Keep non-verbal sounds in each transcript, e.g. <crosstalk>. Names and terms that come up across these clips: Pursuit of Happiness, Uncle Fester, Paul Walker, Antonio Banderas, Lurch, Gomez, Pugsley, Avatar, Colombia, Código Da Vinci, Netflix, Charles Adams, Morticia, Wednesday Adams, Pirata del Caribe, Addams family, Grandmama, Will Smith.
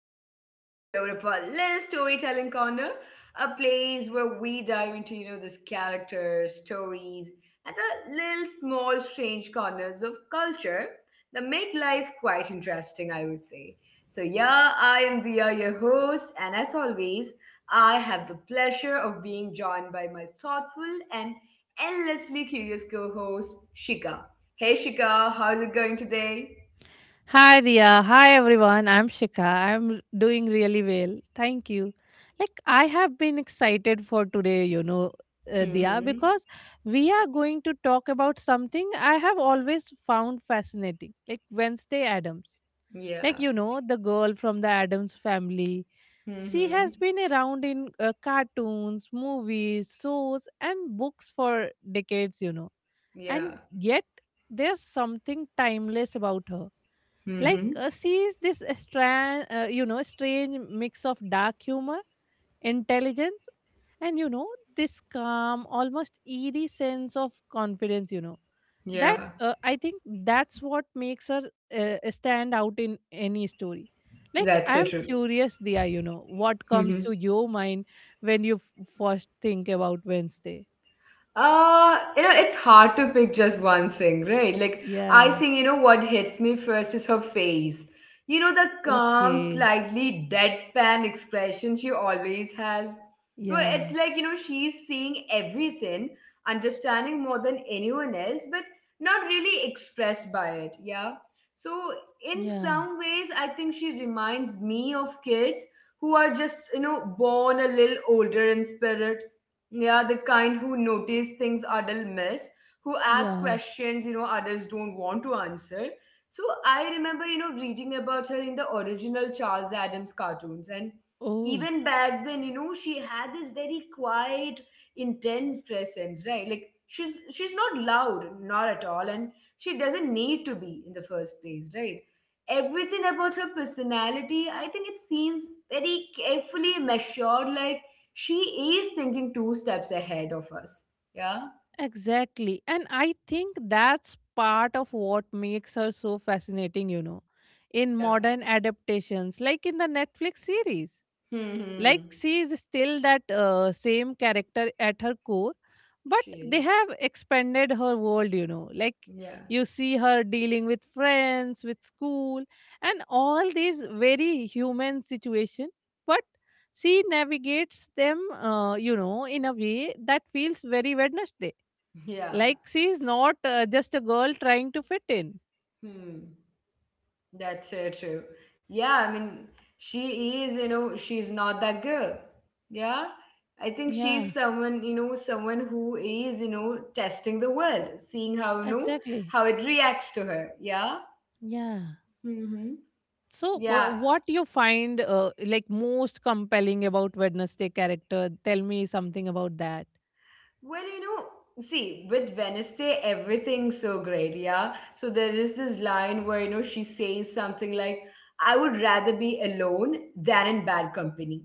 to another episode of our little storytelling corner, a place where we dive into, you know, these characters, stories, and the little small strange corners of culture that make life quite interesting, I would say. So yeah, I am Via, your host, and as always, I have the pleasure of being joined by my thoughtful and endlessly curious co-host, Shika. Hey Shika, how's it going today? Hi Dia. Hi everyone. I'm Shika. I'm doing really well. Thank you. I have been excited for today, Dia, hmm because we are going to talk about something I have always found fascinating, like Wednesday Adams. Like Yeah. you know, the girl from the Adams family. She Mm-hmm. has been around in cartoons, movies, shows, and books for decades, you know. Yeah. And yet there's something timeless about her, like Mm-hmm. Sees this strange you know strange mix of dark humor, intelligence, and, you know, this calm, almost eerie sense of confidence, you know, Yeah. that I think that's what makes her stand out in any story. Like, That's I so am true. curious, Dia, you know, what comes Mm-hmm. to your mind when you first think about Wednesday? You know, it's hard to pick just one thing, right? Like, I Yeah. think, you know, what hits me first is her face. You know, the calm, Okay. slightly deadpan expression she always has. Well, Yeah. it's like, you know, she's seeing everything, understanding more than anyone else, but not really expressed by it, yeah? So, in Yeah. some ways, I think she reminds me of kids who are just, you know, born a little older in spirit, yeah, the kind who notice things adults miss, who ask Yeah. questions, you know, adults don't want to answer. So I remember, you know, reading about her in the original Charles Adams cartoons. And Oh. even back then, you know, she had this very quiet, intense presence, right? Like she's not loud, not at all, and she doesn't need to be in the first place, right? Everything about her personality, I think it seems very carefully measured, like she is thinking two steps ahead of us. Yeah. Exactly. And I think that's part of what makes her so fascinating, you know, in Yeah. modern adaptations, like in the Netflix series. Like, Hmm. she is still that same character at her core, but She they is. have expanded her world, you know. Like, Yeah. you see her dealing with friends, with school, and all these very human situation, but she navigates them, in a way that feels very Wednesday. Yeah. Like, she's not just a girl trying to fit in. Hmm. That's so true. Yeah. I mean, she is, you know, she's not that girl. Yeah. I think Yeah, she's someone, you know, someone who is, you know, testing the world, seeing how, you know, exactly. how it reacts to her. Yeah. Yeah. Mm-hmm. So, Yeah. what you find like most compelling about Wednesday character? Tell me something about that. Well, you know, see, with Wednesday, everything's so great, yeah? So there is this line where, you know, she says something like, "I would rather be alone than in bad company."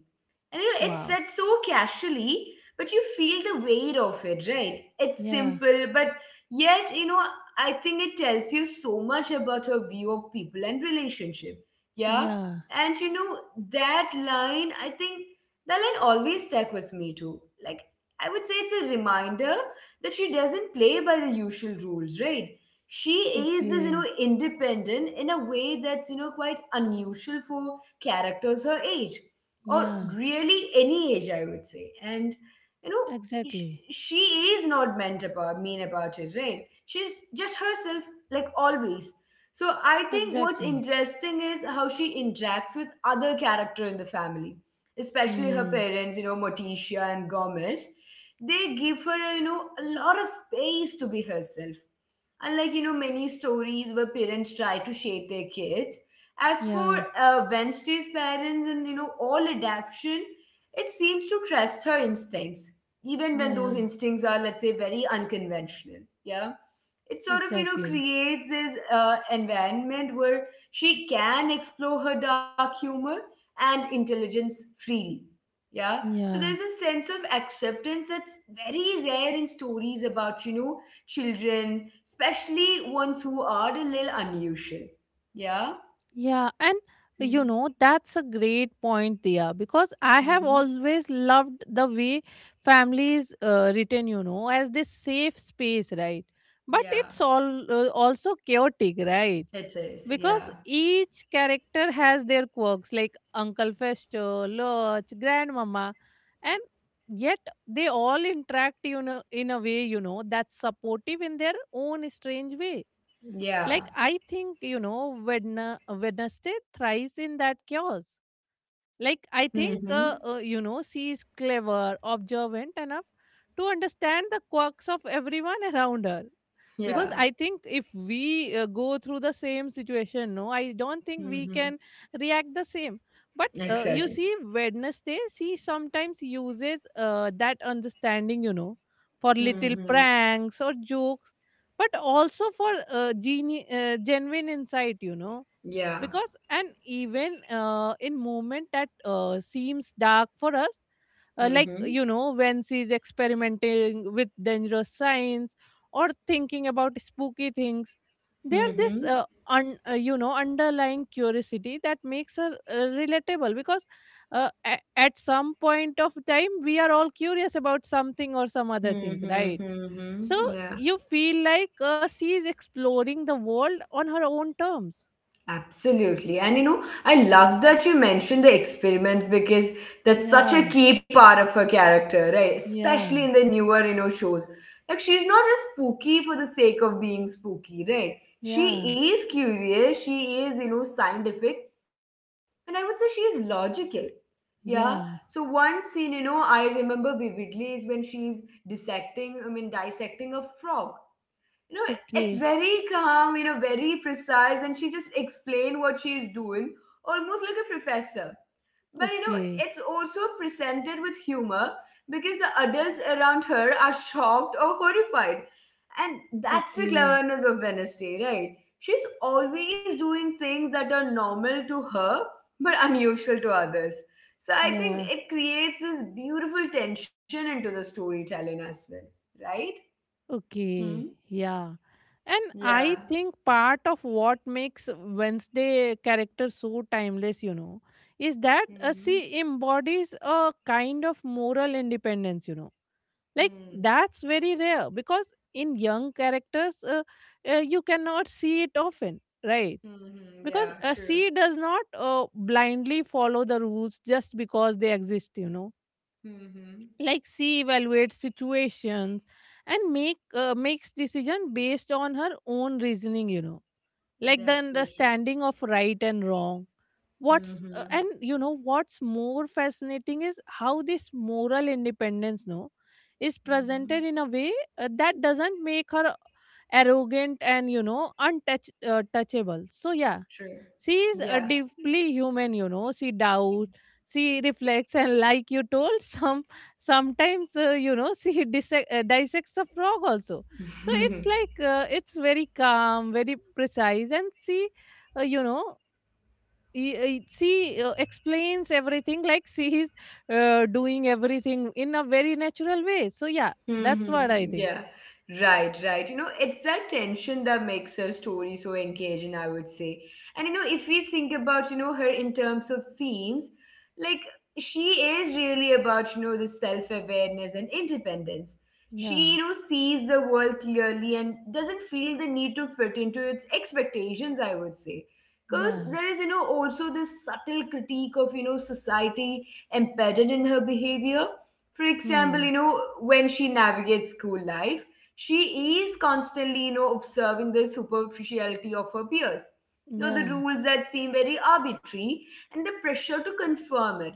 And you know, it's Wow. said so casually, but you feel the weight of it, right? It's Yeah. simple, but yet, you know, I think it tells you so much about her view of people and relationship. Yeah. Yeah. And you know, that line, I think that line always stuck with me too. Like, I would say it's a reminder that she doesn't play by the usual rules, right? She is this, you know, Okay. independent in a way that's, you know, quite unusual for characters her age or Yeah. really any age, I would say. And you know, Exactly. she is not meant about mean about it, right? She's just herself, like always. So I think what's Exactly. interesting is how she interacts with other character in the family, especially her Hmm. parents, you know, Morticia and Gomez. They give her, you know, a lot of space to be herself. Unlike, you know, many stories where parents try to shape their kids, as for Yeah. Wednesday's parents and you know all adaption, it seems to trust her instincts, even when those Yeah. instincts are, let's say, very unconventional. Yeah, it sort of you know Exactly. creates this environment where she can explore her dark humor and intelligence freely. Yeah, so there's a Yeah. sense of acceptance that's very rare in stories about you know children, especially ones who are a little unusual. Yeah. Yeah, and you know, that's a great point there, because I have Mm-hmm. always loved the way families written, you know, as this safe space, right? But Yeah, it's all also chaotic, right? it is. Yeah. Because each character has their quirks, like Uncle Festo, Lurch, Grandmama, and yet they all interact, you know, in a way, you know, that's supportive in their own strange way. Yeah. I think, you know, Wednesday thrives in that chaos. Like, I think, Mm-hmm. You know, she is clever, observant enough to understand the quirks of everyone around her, because Yeah. I think if we go through the same situation, no, I don't think we Mm-hmm. can react the same. But you Exactly. see, Wednesday, she sometimes uses that understanding, you know, for little Mm-hmm. pranks or jokes, but also for genuine insight, you know. Yeah. Because, and even in moment that seems dark for us, like, Mm-hmm. you know, when she's experimenting with dangerous science or thinking about spooky things, there's this Mm-hmm. You know, underlying curiosity that makes her relatable, because at some point of time we are all curious about something or some other thing, Mm-hmm. right? So Mm-hmm. Yeah. you feel like she is exploring the world on her own terms. Absolutely. And you know, I love that you mentioned the experiments because that's such a Yeah. key part of her character, right? Especially Yeah, in the newer, you know, shows. Like she's not just spooky for the sake of being spooky, right? She yeah, is curious, she is, you know, scientific, and I would say she is logical. Yeah. So yeah. one scene, you know, I remember vividly is when she's dissecting, I mean dissecting a frog, you know. It's Okay, very calm, you know, very precise, and she just explained what she is doing, almost like a professor. But you know, okay, it's also presented with humor because the adults around her are shocked or horrified. And that's the okay. cleverness of Wednesday, right? She's always doing things that are normal to her but unusual to others. So I think Yeah, it creates this beautiful tension into the storytelling as well, right? okay, hmm yeah. And yeah. I think part of what makes Wednesday character so timeless, you know, is that Mm-hmm. she embodies a kind of moral independence, you know. Like, Mm. that's very rare, because in young characters, you cannot see it often, right? Because Yeah, a true. sea does not blindly follow the rules just because they exist, you know. Mm-hmm. Like, she evaluates situations and makes decision based on her own reasoning, you know, like the That's so true. understanding of right and wrong. What's Mm-hmm. And you know, what's more fascinating is how this moral independence, no, is presented Mm-hmm. in a way that doesn't make her arrogant and, you know, untouchable. So yeah, True. she is Yeah. deeply human, you know. She doubts, she reflects, and <laughs> like you told, sometimes you know, she <laughs> dissects a frog also. So it's <laughs> like, it's very calm, very precise, and she, you know, she explains everything like she is doing everything in a very natural way. So yeah, that's what I Mm-hmm. think. Yeah, right, right. You know, it's that tension that makes her story so engaging, I would say. And you know, if we think about, you know, her in terms of themes, like she is really about, you know, the self-awareness and independence. She, you Yeah, know, sees the world clearly and doesn't feel the need to fit into its expectations, I would say. Because yeah, there is, you know, also this subtle critique of, you know, society embedded in her behavior. For example, hmm, you know, when she navigates school life, she is constantly, you know, observing the superficiality of her peers. You know, the yeah, rules that seem very arbitrary and the pressure to confirm it.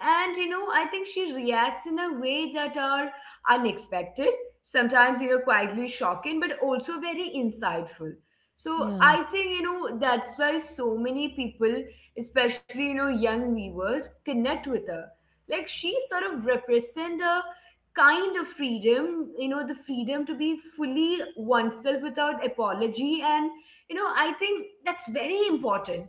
And, you know, I think she reacts in a way that are unexpected, sometimes, you know, quietly shocking, but also very insightful. So yeah, I think, you know, that's why so many people, especially, you know, young viewers, connect with her. Like she sort of represent a kind of freedom, you know, the freedom to be fully oneself without apology. And you know, I think that's very important,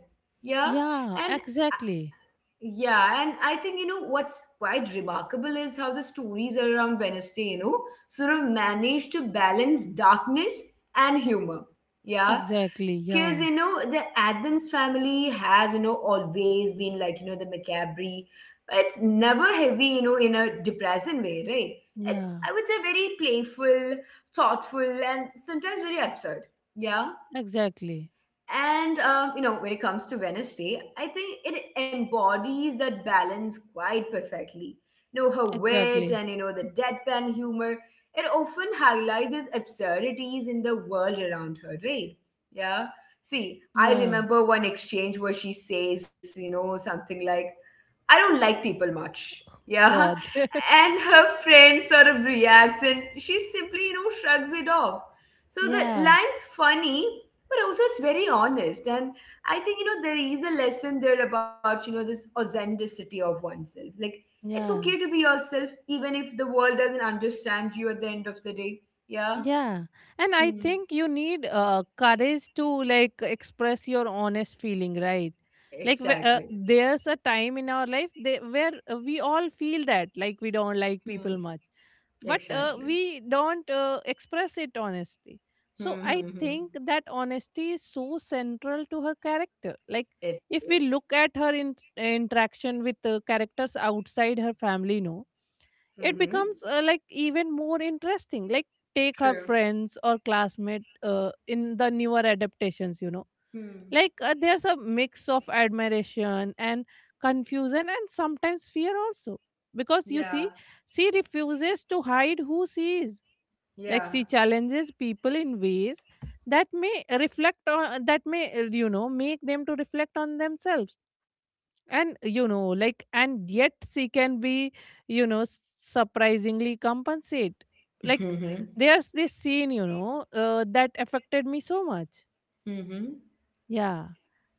yeah. yeah, And exactly. yeah, and I think you know what's quite remarkable is how the stories around Wednesday, you know, sort of manage to balance darkness and humor, yeah, Exactly. because Yeah. you know the Addams family has you know always been like you know the macabre. It's never heavy, you know, in a depressing way, right? It's, Yeah. I would say, very playful, thoughtful, and sometimes very absurd. Yeah. Exactly. And you know, when it comes to Wednesday, I think it embodies that balance quite perfectly. You know, her wit Exactly. and you know the deadpan humor. It often highlights these absurdities in the world around her, right? Yeah. See, I Yeah. remember one exchange where she says, you know, something like, "I don't like people much." Yeah. God. <laughs> And her friend sort of reacts and she simply, you know, shrugs it off. So the Yeah. line's funny, but also it's very honest. And I think, you know, there is a lesson there about, you know, this authenticity of oneself. Like, it's Yeah. okay to be yourself, even if the world doesn't understand you at the end of the day. Yeah. Yeah. And I think Hmm. you need courage to like express your honest feeling, right? Like, Exactly. there's a time in our life they, where we all feel that like we don't like people Hmm. much, but Exactly. we don't express it honestly. So I Hmm. hmm, think hmm. that honesty is so central to her character. Like, It if we look is. at her interaction with characters outside her family, no, it Mm-hmm. becomes like even more interesting. Like, take her True. friends or classmate in the newer adaptations, you know. Hmm. Like, there's a mix of admiration and confusion, and sometimes fear also, because you Yeah. see, she refuses to hide who she is. Like, Yeah. she challenges people in ways that may reflect on that may you know, make them to reflect on themselves. And you know, like, and yet she can be, you know, surprisingly compensate. Like, Mm-hmm. there's this scene, you know, that affected me so much. Mm-hmm. Yeah.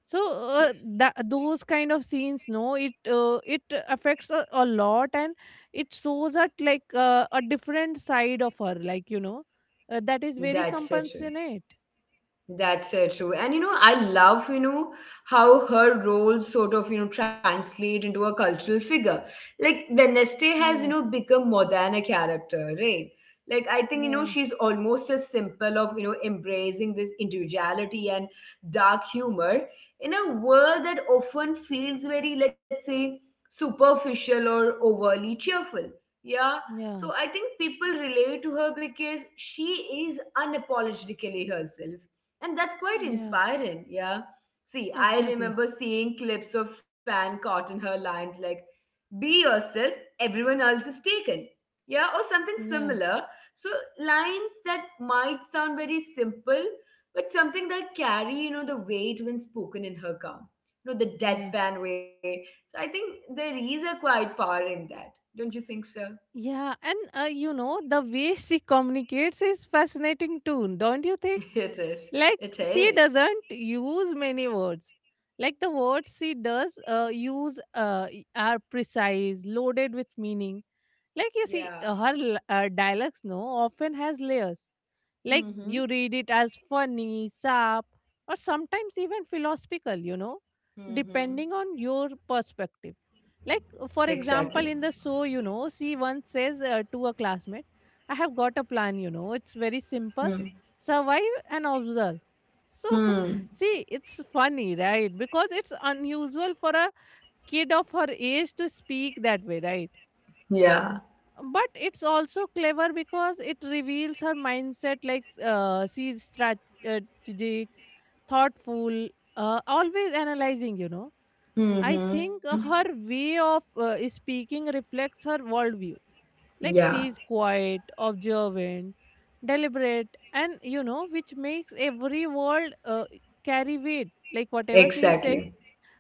So, uh, that those kind of scenes, no, it affects a lot. And it shows that, like, a different side of her, like, you know, that is very That's so true. compassionate. That's so true. And you know, I love, you know, how her role sort of, you know, translate into a cultural figure. Like Wednesday has, you know, Yeah. become more than a character, right? Like I think, you know, Yeah. she's almost a symbol of, you know, embracing this individuality and dark humor in a world that often feels very, let's say, superficial or overly cheerful. Yeah. Yeah. So I think people relate to her because she is unapologetically herself and that's quite Yeah, inspiring, yeah. See, I exactly. remember seeing clips of fan caught in her lines like, "be yourself, everyone else is taken." Yeah, or something Yeah. similar. So, lines that might sound very simple, but something that carry, you know, the weight when spoken in her calm, you know, the Yeah. deadpan way. So, I think there is a quite power in that. Don't you think so? Yeah, and, you know, the way she communicates is fascinating too, don't you think? <laughs> It is. Like, It she is. doesn't use many words. Like, the words she does use are precise, loaded with meaning. Like, you see, Yeah. Her dialects, no, often has layers. Like, Mm hmm. you read it as funny, sap, or sometimes even philosophical, you know, Mm hmm. depending on your perspective. Like, for Exactly. example, in the show, you know, she once says to a classmate, I have got a plan, you know, it's very Hmm. simple: survive and observe. So, <laughs> Hmm. see, it's funny, right? Because it's unusual for a kid of her age to speak that way, right? Yeah. But it's also clever, because it reveals her mindset. Like, she's strategic, thoughtful, always analyzing, you know. I Mm-hmm. think, her way of speaking reflects her worldview. Like, Yeah. she is quiet, observant, deliberate, and, you know, which makes every word carry weight. Like, whatever she is saying, Exactly.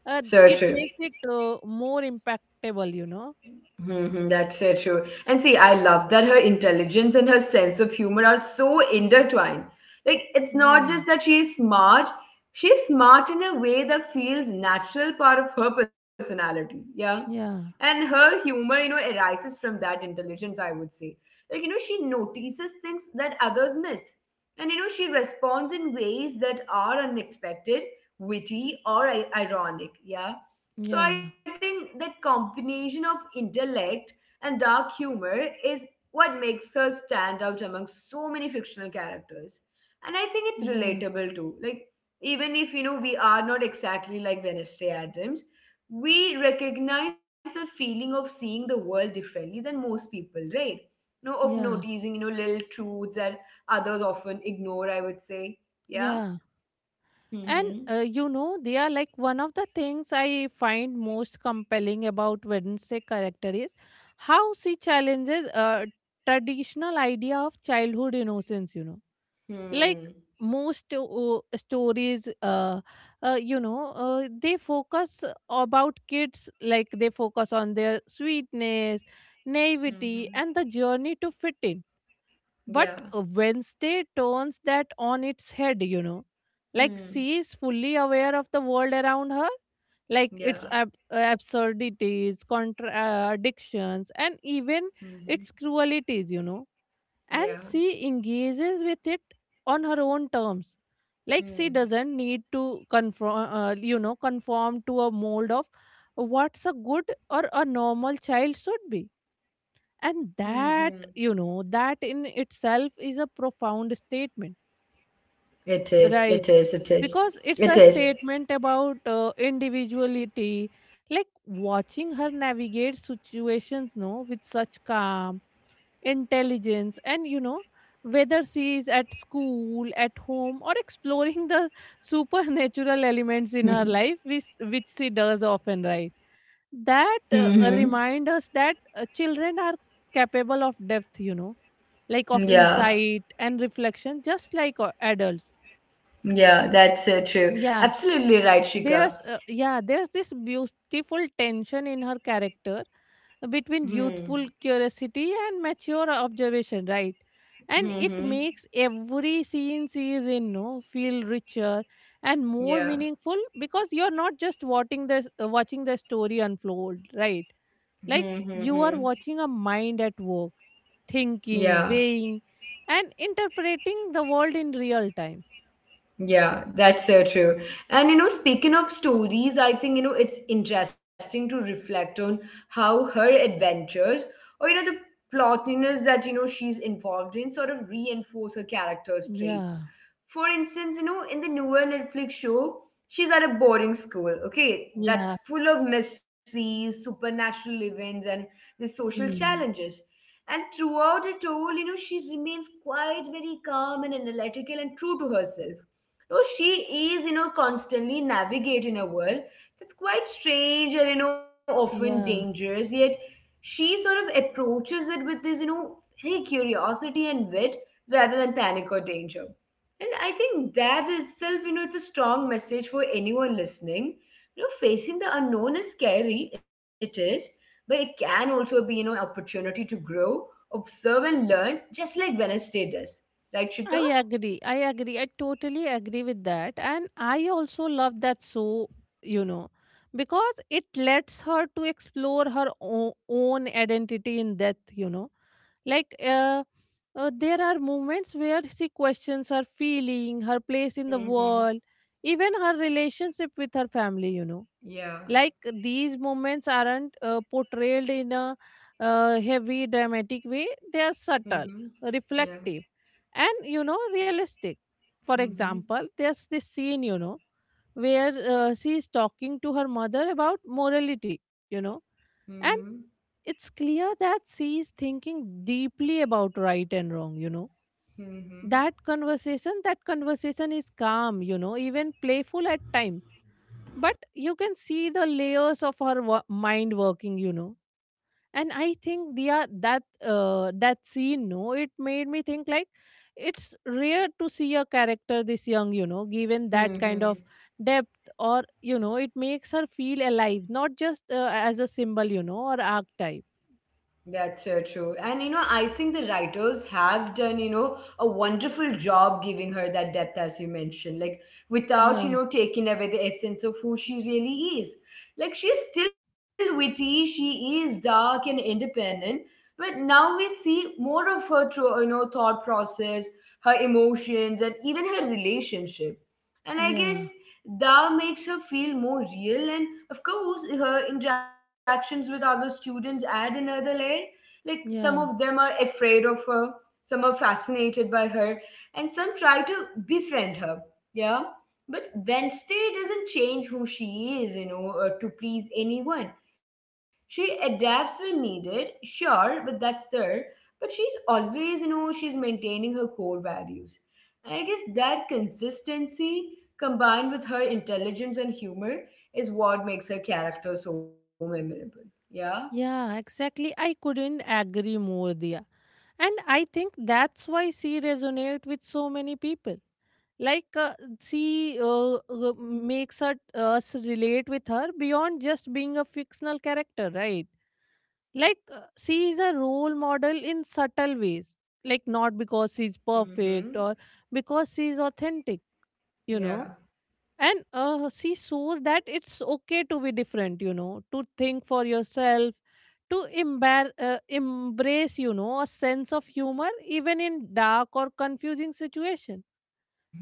So it true. makes it more impactable, you know. Mm-hmm. That's so true. And see, I love that her intelligence and her sense of humor are so intertwined. Like, it's not just Yeah. that she is smart, she's smart in a way that feels natural part of her personality. Yeah. Yeah. And her humor, you know, arises from that intelligence, I would say. Like, you know, she notices things that others miss, and you know, she responds in ways that are unexpected, witty or ironic, yeah. So I Yeah. think that combination of intellect and dark humor is what makes her stand out among so many fictional characters. And I think it's Yeah. relatable too. Like, even if you know we are not exactly like Wednesday Adams, we recognize the feeling of seeing the world differently than most people, right? You know, of Yeah, noticing, you know, little truths that others often ignore, I would say. Yeah. yeah. And, Mm-hmm. you know, they are like one of the things I find most compelling about Wednesday character is how she challenges a traditional idea of childhood innocence, you know. Like, Hmm. most stories, you know, they focus about kids, like they focus on their sweetness, naivety, Mm-hmm. and the journey to fit in. But Yeah. Wednesday turns that on its head, you know. Like, she Hmm. is fully aware of the world around her, like, its Yeah. Absurdities, contradictions, and even Mm-hmm. its cruelties, you know. And Yeah. she engages with it on her own terms. Like, she Hmm. doesn't need to conform, you know, conform to a mold of what's a good or a normal child should be. And Mm-hmm. that, you know, that in itself is a profound statement, It is. It right? is. It is. Because It it's a is. statement about individuality. Like, watching her navigate situations, no, with such calm, intelligence, and, you know, whether she is at school, at home, or exploring the <laughs> supernatural elements in her life, <laughs> which she does often, right? That Mm-hmm. Remind us that children are capable of depth, you know, like, of Yeah. insight and reflection, just like adults. Yeah. That's true. Yeah. Absolutely right, there's Shika. Yeah, there's this beautiful tension in her character between Hmm. youthful curiosity and mature observation, right? And it Mm-hmm. makes every scene she is in, no, feel richer and more Yeah. meaningful, because you're not just watching the story unfold, right? Mm-hmm. Like, mm-hmm. you are watching a mind at work, Yeah. thinking, weighing, and interpreting the world in real time. Yeah, that's so true. And you know, speaking of stories, I think you know it's interesting to reflect on how her adventures or you know the plottiness that you know she's involved in sort of reinforce her character's traits. Yeah. For instance, you know, in the newer Netflix show, she's at a boarding school, okay, Yeah. that's full of mysteries, supernatural events, and the social Hmm. challenges. And throughout it all, you know, she remains quite very calm and analytical and true to herself. No, she is, you know, constantly navigating a world that's quite strange and, you know, often Yeah. dangerous. Yet she sort of approaches it with this, you know, very curiosity and wit rather than panic or danger. And I think that itself, it's a strong message for anyone listening. Facing the unknown is scary, it is, but it can also be, opportunity to grow, observe and learn, just like Wednesday does. Right, Shika? I agree. I agree. I totally agree with that. And I also love that so, you know, because it lets her to explore her own identity in death, you know. Like, there are moments where she questions her feeling, her place in the Mm-hmm. world, even her relationship with her family, you know. Yeah. Like, these moments aren't portrayed in a heavy dramatic way. They are subtle, Mm-hmm. Yeah. reflective, and, you know, realistic. For Mm-hmm. example, there's this scene, you know, where she is talking to her mother about morality, you know. Mm-hmm. It's clear that she is thinking deeply about right and wrong, you know. Mm-hmm. That conversation is calm, you know, even playful at times. But you can see the layers of her mind working, you know. And I think, Dia, that that scene, no, it made me think like it's rare to see a character this young, you know, given that kind of Mm-hmm. depth, or, you know, it makes her feel alive, not just as a symbol, you know, or archetype. That's so true. And you know, I think the writers have done, you know, a wonderful job giving her that depth, as you mentioned, like without, you Yeah, know, taking away the essence of who she really is. Like she's still witty, she is dark and independent, but now we see more of her, through, you know, thought process, her emotions, and even her relationship, and I guess yeah, that makes her feel more real. And of course, her interactions with other students add another layer. Like some of them yeah, are afraid of her, some are fascinated by her, and some try to befriend her. Yeah. But Wednesday doesn't change who she is, you know, or to please anyone. She adapts when needed, sure, but that's her. But she's always, you know, she's maintaining her core values. And I guess that consistency, combined with her intelligence and humor, is what makes her character so memorable. Yeah? yeah, exactly. I couldn't agree more, Dia. And I think that's why she resonate with so many people. Like uh, she makes us relate with her beyond just being a fictional character, right? She is a role model in subtle ways. Like not because she's Mm hmm. perfect or because she's authentic, you know. Yeah. And she shows that it's okay to be different, you know, to think for yourself, to embrace, you know, a sense of humor even in dark or confusing situation.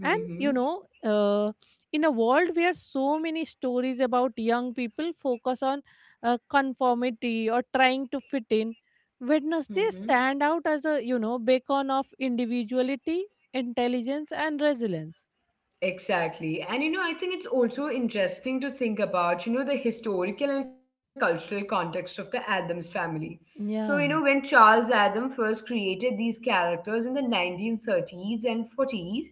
And hmm. In a world where so many stories about young people focus on conformity or trying to fit in, Mm Wednesday hmm. stand out as a, you know, beacon of individuality, intelligence, and resilience. Exactly. And you know, I think it's also interesting to think about, you know, the historical and cultural context of the Adams family. So, you know, Yeah, when Charles Adam first created these characters in the 1930s and '40s,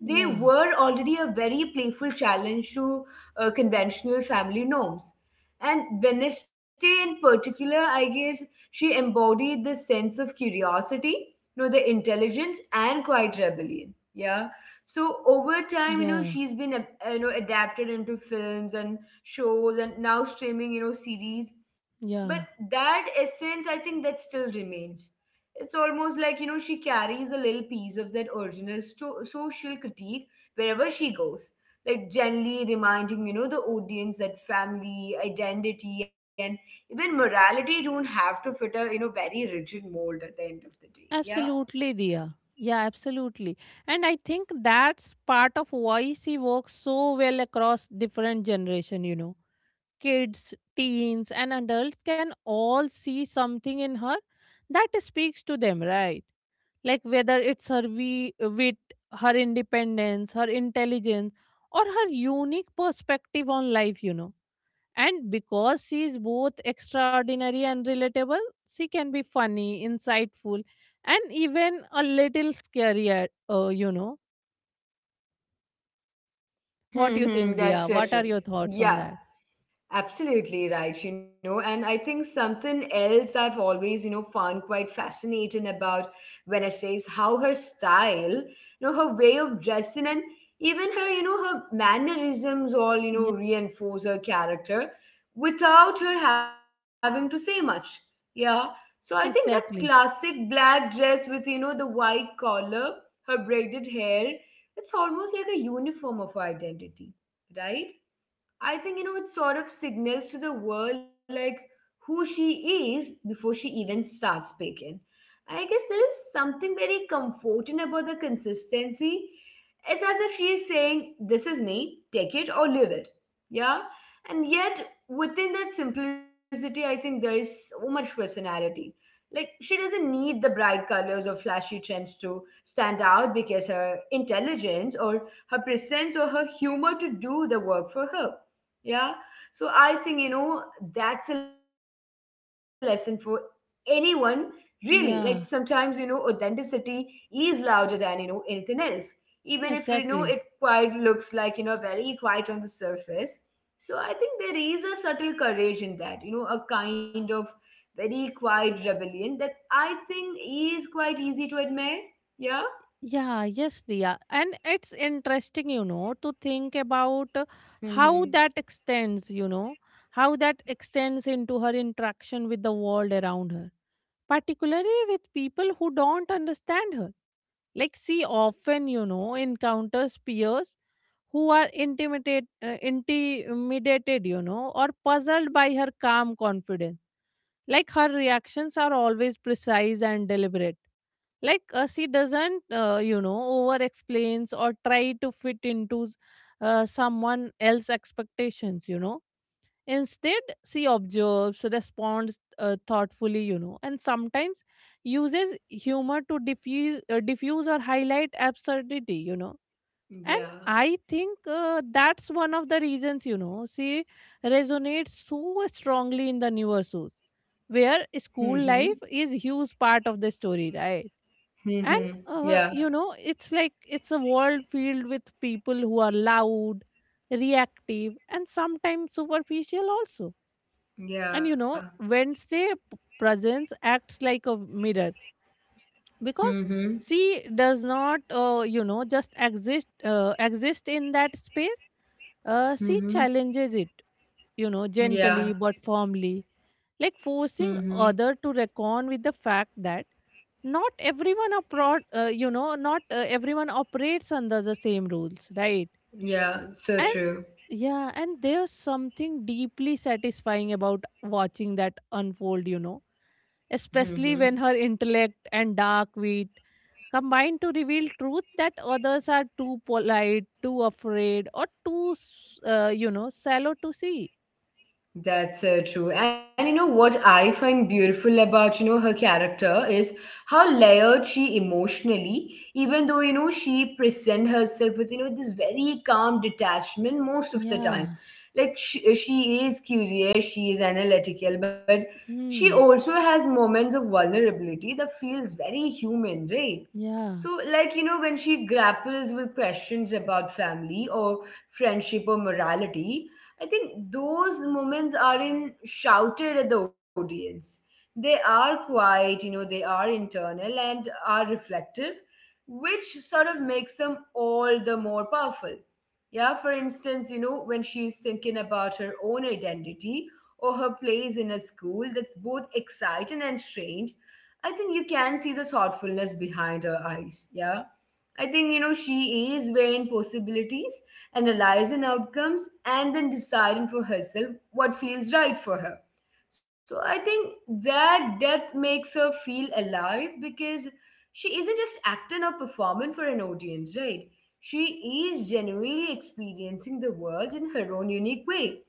they yeah, were already a very playful challenge to conventional family norms. And Wednesday, in particular, I guess she embodied this sense of curiosity, you know, the intelligence and quiet rebellion. Yeah, so over time, you know, yeah. You know, adapted into films and shows, and now streaming, you know, series. But Yeah, that essence, I think that still remains. It's almost like, you know, she carries a little piece of that original social critique wherever she goes, like gently reminding, you know, the audience that family, identity and even morality don't have to fit a, you know, very rigid mold at the end of the day. Yeah. absolutely, Dia. Yeah, absolutely. And I think that's part of why she works so well across different generation, you know. Kids, teens and adults can all see something in her that speaks to them, right? Like whether it's her we wit, her independence, her intelligence or her unique perspective on life, you know. And because she is both extraordinary and relatable, she can be funny, insightful, and even a little scary, you know. What Hmm. do you Hmm, think, Dia? that's so What true. are your thoughts on Yeah. that? Absolutely right, you know, and I think something else I've always, you know, found quite fascinating about Wednesday is how her style, you know, her way of dressing and even her, you know, her mannerisms all, you know, Yeah, reinforce her character without her having to say much. Yeah. So I think that classic exactly. black dress with, you know, the white collar, her braided hair, it's almost like a uniform of her identity, right? I think, you know, it sort of signals to the world like who she is before she even starts speaking. And I guess there is something very comforting about the consistency. It's as if she is saying, "This is me, take it or leave it." Yeah. And yet, within that simplicity, I think there is so much personality. Like, she doesn't need the bright colors or flashy trends to stand out because her intelligence or her presence or her humor to do the work for her. Yeah. So I think, you know, that's a lesson for anyone, really. Like sometimes, you know, Yeah, authenticity is louder than, you know, anything else, even if, you know, it exactly. quite looks like, you know, very quiet on the surface. So I think there is a subtle courage in that, you know, a kind of very quiet rebellion that I think is quite easy to admire. Yeah. Yeah, yes, Dia. And it's interesting, you know, to think about how Mm-hmm. that extends, you know, how that extends into her interaction with the world around her, particularly with people who don't understand her. Like, she often, you know, encounters peers who are intimidated, you know, or puzzled by her calm confidence. Like, her reactions are always precise and deliberate. She doesn't, you know, over explains or try to fit into someone else's expectations, you know. Instead, she observes, responds thoughtfully, you know, and sometimes uses humor to diffuse or highlight absurdity, you know. And Yeah. I think that's one of the reasons, you know, she resonates so strongly in the newer shows, where school Mm-hmm. life is huge part of the story, right? And Mhm. You Yeah. know, it's like it's a world filled with people who are loud, reactive, and sometimes superficial also, and you Yeah. know, Wednesday presence acts like a mirror because Mhm. she does not, you know, just exist in that space. She Mhm. challenges it, you know, gently Yeah. but firmly, like forcing Mhm. other to reckon with the fact that not you know, not everyone operates under the same rules, right? Yeah. And So true. yeah, and there's something deeply satisfying about watching that unfold, you know, especially Mhm. when her intellect and dark wit combine to reveal truth that others are too polite, too afraid, or too, you know, shallow to see. That's true. And you know what I find beautiful about, you know, her character is how layered she emotionally, even though, you know, she present herself with, you know, this very calm detachment most of the time. Yeah. Like she is curious, she is analytical, but she Hmm. also has moments of vulnerability that feels very human, right? Yeah. So, like, you know, when she grapples with questions about family or friendship or morality, I think those moments aren't shouted at the audience. They are quiet, you know, they are internal and are reflective, which sort of makes them all the more powerful. Yeah, for instance, you know, when she's thinking about her own identity or her place in a school that's both exciting and strange, I think you can see the thoughtfulness behind her eyes. Yeah. I think, you know, she is weighing possibilities, analyze in outcomes and then deciding for herself what feels right for her. So I think that depth makes her feel alive, because she isn't just acting or performing for an audience, right? She is genuinely experiencing the world in her own unique way.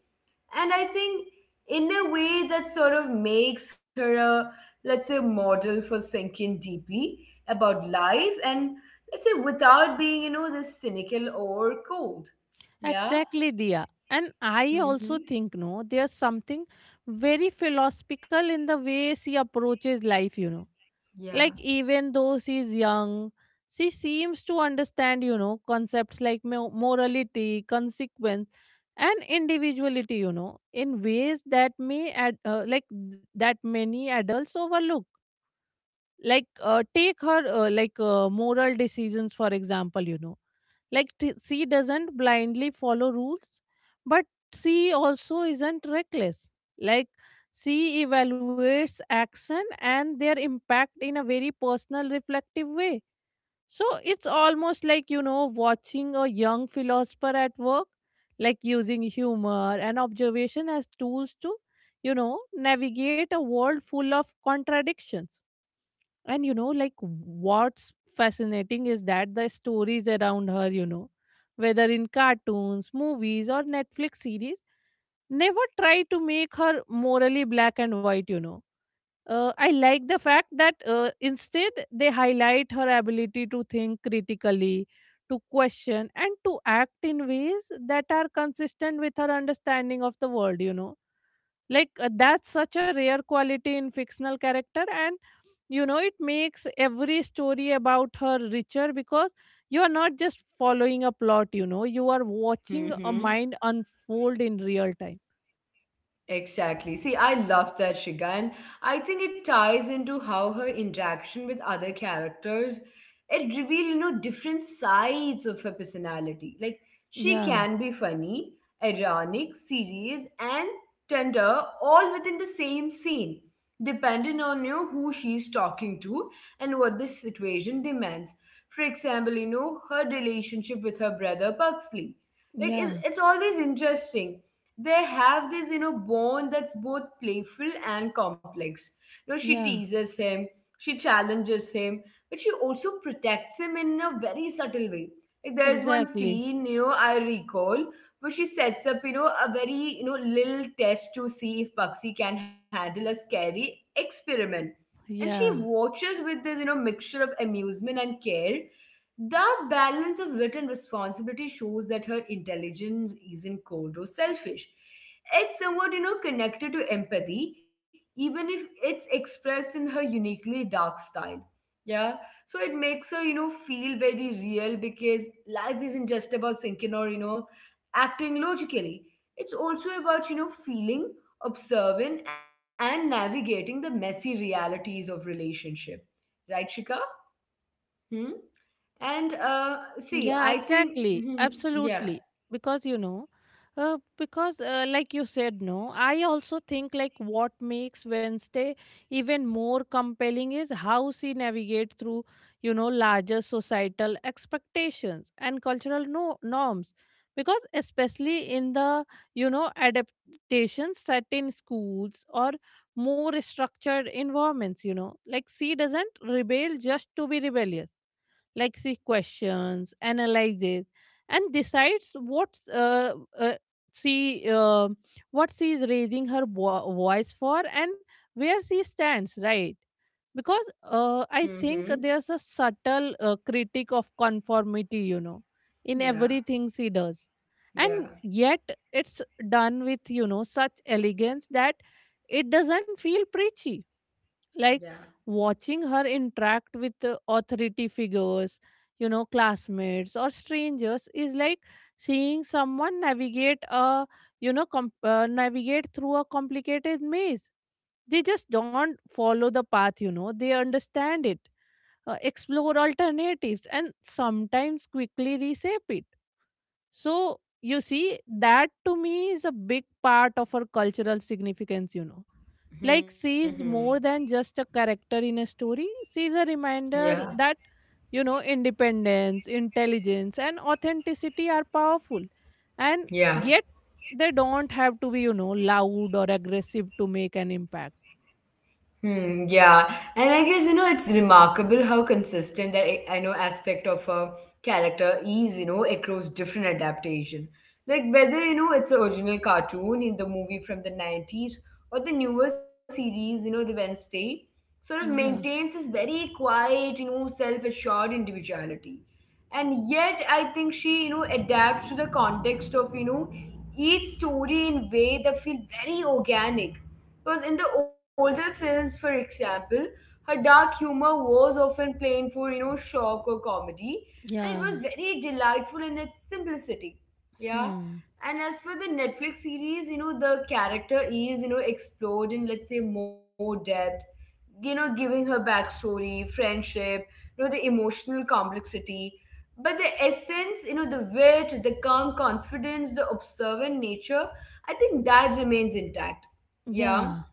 And I think, in a way, that sort of makes her a, let's say, model for thinking deeply about life, and let's say without being, you know, this cynical or cold. Yeah. Exactly, Dia. And I also Mm-hmm. think, no, there's something very philosophical in the way she approaches life, you know. Like, Yeah. even though she's young, she seems to understand, you know, concepts like morality, consequence, and individuality, you know, in ways that like, that many adults overlook. Like, take her, like, moral decisions, for example, you know. Like she doesn't blindly follow rules, but she also isn't reckless. Like she evaluates action and their impact in a very personal, reflective way. So it's almost like, you know, watching a young philosopher at work, like using humor and observation as tools to, you know, navigate a world full of contradictions. And you know, like what's fascinating is that the stories around her, you know, whether in cartoons, movies, or Netflix series, never try to make her morally black and white, you know. I like the fact that instead they highlight her ability to think critically, to question, and to act in ways that are consistent with her understanding of the world, you know. That's such a rare quality in fictional character, and you know it makes every story about her richer because you are not just following a plot, you know you are watching a mind Mm-hmm. unfold in real time. Exactly. See, I love that, Shiga, and I think it ties into how her interaction with other characters, it reveals, you know, different sides of her personality. Like she yeah can be funny, ironic, serious, and tender, all within the same scene, depending on, you know, who she's talking to and what the situation demands. For example, you know, her relationship with her brother Pugsley. Like yeah it's always interesting. They have this, you know, bond that's both playful and complex. You know, she yeah teases him, she challenges him, but she also protects him in a very subtle way. Like there's one exactly scene, you know, I recall, where she sets up, you know, a very, you know, little test to see if Bugsy can handle a scary experiment, and she yeah watches with this, you know, mixture of amusement and care. That balance of wit and responsibility shows that her intelligence isn't cold or selfish. It's somewhat, you know, connected to empathy, even if it's expressed in her uniquely dark style. Yeah. So it makes her, you know, feel very real, because life isn't just about thinking or, you know, acting logically. It's also about, you know, feeling, observing, and navigating the messy realities of relationship. Right, Shika? Hmm? And Yeah, see, I exactly. think, Mhm. Absolutely. Yeah. Because, you know, because like you said, no, I also think like what makes Wednesday even more compelling is how she navigates through, you know, larger societal expectations and cultural norms. Because especially in the, you know, adaptation set in schools or more structured environments, you know, like she doesn't rebel just to be rebellious, like see questions, analyzes, and decides she uh, what she is raising her voice for and where she stands, right? Because I think there's a Hmm. subtle critique of conformity, you know, in everything Yeah. she does, and yet Yeah. it's done with, you know, such elegance that it doesn't feel preachy, like Yeah. watching her interact with authority figures, you know, classmates or strangers is like seeing someone navigate a, you know, navigate through a complicated maze. They just don't follow the path, you know, they understand it, explore alternatives and sometimes quickly reshape it. So you see that to me is a big part of her cultural significance, you know. Like, she is Hmm. more than just a character in a story, she is a reminder Yeah. that, you know, independence, intelligence, and authenticity are powerful. And yet, Yeah. they don't have to be, you know, loud or aggressive to make an impact. Hmm, yeah, and I guess you know it's remarkable how consistent that I know aspect of a character is, you know, across different adaptation. Like whether, you know, it's the original cartoon in the movie from the '90s or the newer series, you know, the Wednesday, sort of Yeah, maintains this very quiet, you know, self-assured individuality. And yet, I think she, you know, adapts to the context of, you know, each story in way that feel very organic, because in the older films, for example, her dark humor was often plain for, you know, shock or comedy, and it was yeah, very delightful in its simplicity. Yeah. hmm, And as for the Netflix series, you know, the character is, you know, explored in, let's say, more depth, you know, giving her backstory, friendship, you know, the emotional complexity. But the essence, you know, the wit, the calm confidence, the observant nature, I think that remains intact. Yeah. yeah,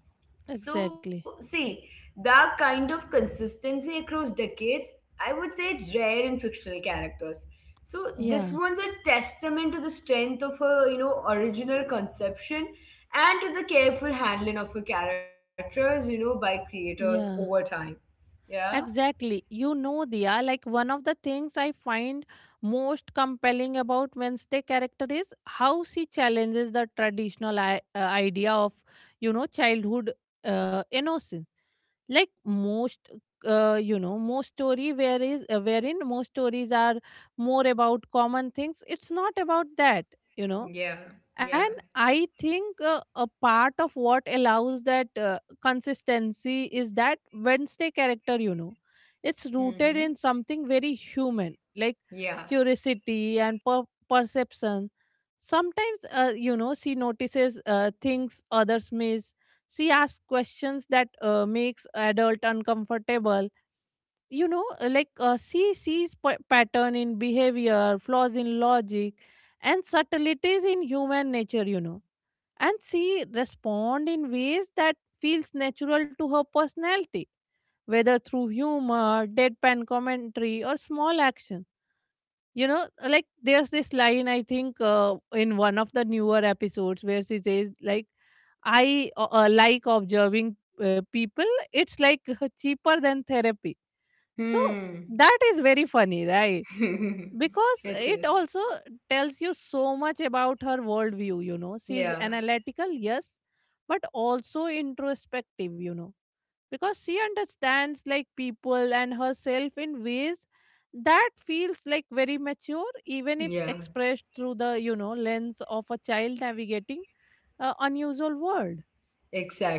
So, exactly. see, that kind of consistency across decades, I would say it's rare in fictional characters. So, this Yeah, one's a testament to the strength of her, you know, original conception and to the careful handling of her characters, you know, by creators over yeah. time. Yeah? Exactly. You know, Diya, like one of the things I find most compelling about Wednesday character is how she challenges the traditional idea of, you know, childhood innocence. Like most, most story where is wherein most stories are more about common things. It's not about that. You know, Yeah, and yeah. I think a part of what allows that consistency is that wednesday character, you know, it's rooted Mm-hmm. in something very human, like Yeah. curiosity and perception. Sometimes you know she notices things others miss, she asks questions that makes adult uncomfortable, you know, she sees pattern in behavior, flaws in logic, and subtleties in human nature, you know. And she respond in ways that feels natural to her personality, whether through humor, deadpan commentary, or small action, you know. Like there's this line I think in one of the newer episodes where she says like, I like observing people, it's like <laughs> cheaper than therapy. So that Hmm. is very funny, right? <laughs> Because it It also is. tells you so much about her worldview, you know. She's Yeah. analytical, yes, but also introspective, you know, because she understands like people and herself in ways that feels like very mature, even if Yeah. expressed through the, you know, lens of a child navigating an unusual world.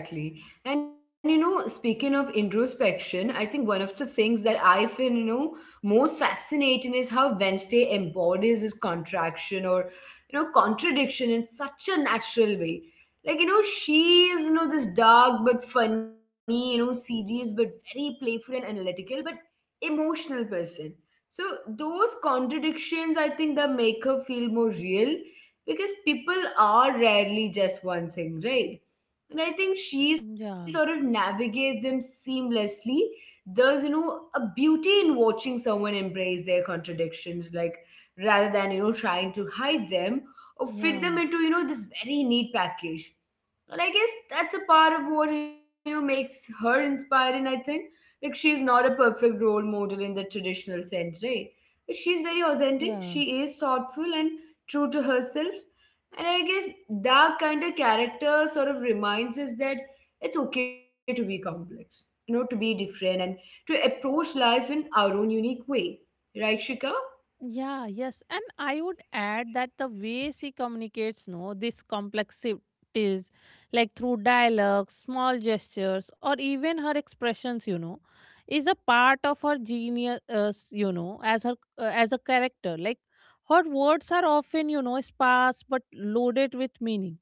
Exactly. And you know, speaking of introspection, I think one of the things that I feel, you know, most fascinating is how Wednesday embodies this contraction or, you know, contradiction in such a natural way. Like, you know, she is, you know, this dark but funny, you know, serious but very playful and analytical, but emotional person. So those contradictions, I think, that make her feel more real, because people are rarely just one thing, right? And I think she sort of Yeah, navigates them seamlessly. There's, you know, a beauty in watching someone embrace their contradictions, like rather than, you know, trying to hide them or fit them yeah, into, you know, this very neat package. And I guess that's a part of what, you know, makes her inspiring, I think. Like, she's not a perfect role model in the traditional sense, right? But she's very authentic, yeah. she is thoughtful and true to herself, and I guess that kind of character sort of reminds us that it's okay to be complex, you know, to be different and to approach life in our own unique way. Right, Shika? Yeah, yes. And I would add that the way she communicates, no, these complexities, like through dialogue, small gestures, or even her expressions, you know, is a part of her genius, you know, as a character. Like her words are often, you know, sparse but loaded with meaning,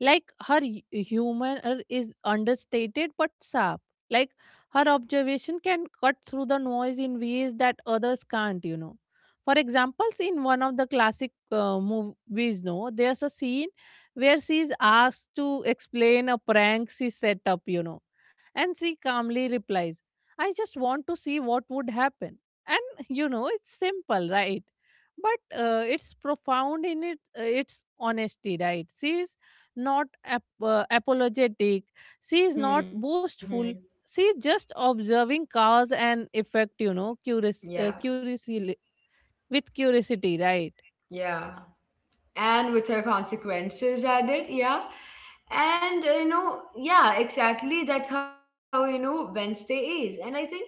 like her humor is understated but sharp. Like her observation can cut through the noise in ways that others can't, you know. For examples, in one of the classic movies, no, there's a scene where she's asked to explain a prank she set up, you know, and she calmly replies, I just want to see what would happen. And, <laughs> you know, it's simple, right? But it's profound in its honesty, right? She's not apologetic. She is not Mm-hmm. boastful. She is just observing cause and effect, you know, Yeah, curiously, with curiosity, right? yeah. and with her consequences added, yeah. And you know, yeah, exactly. That's how you know Wednesday is. And I think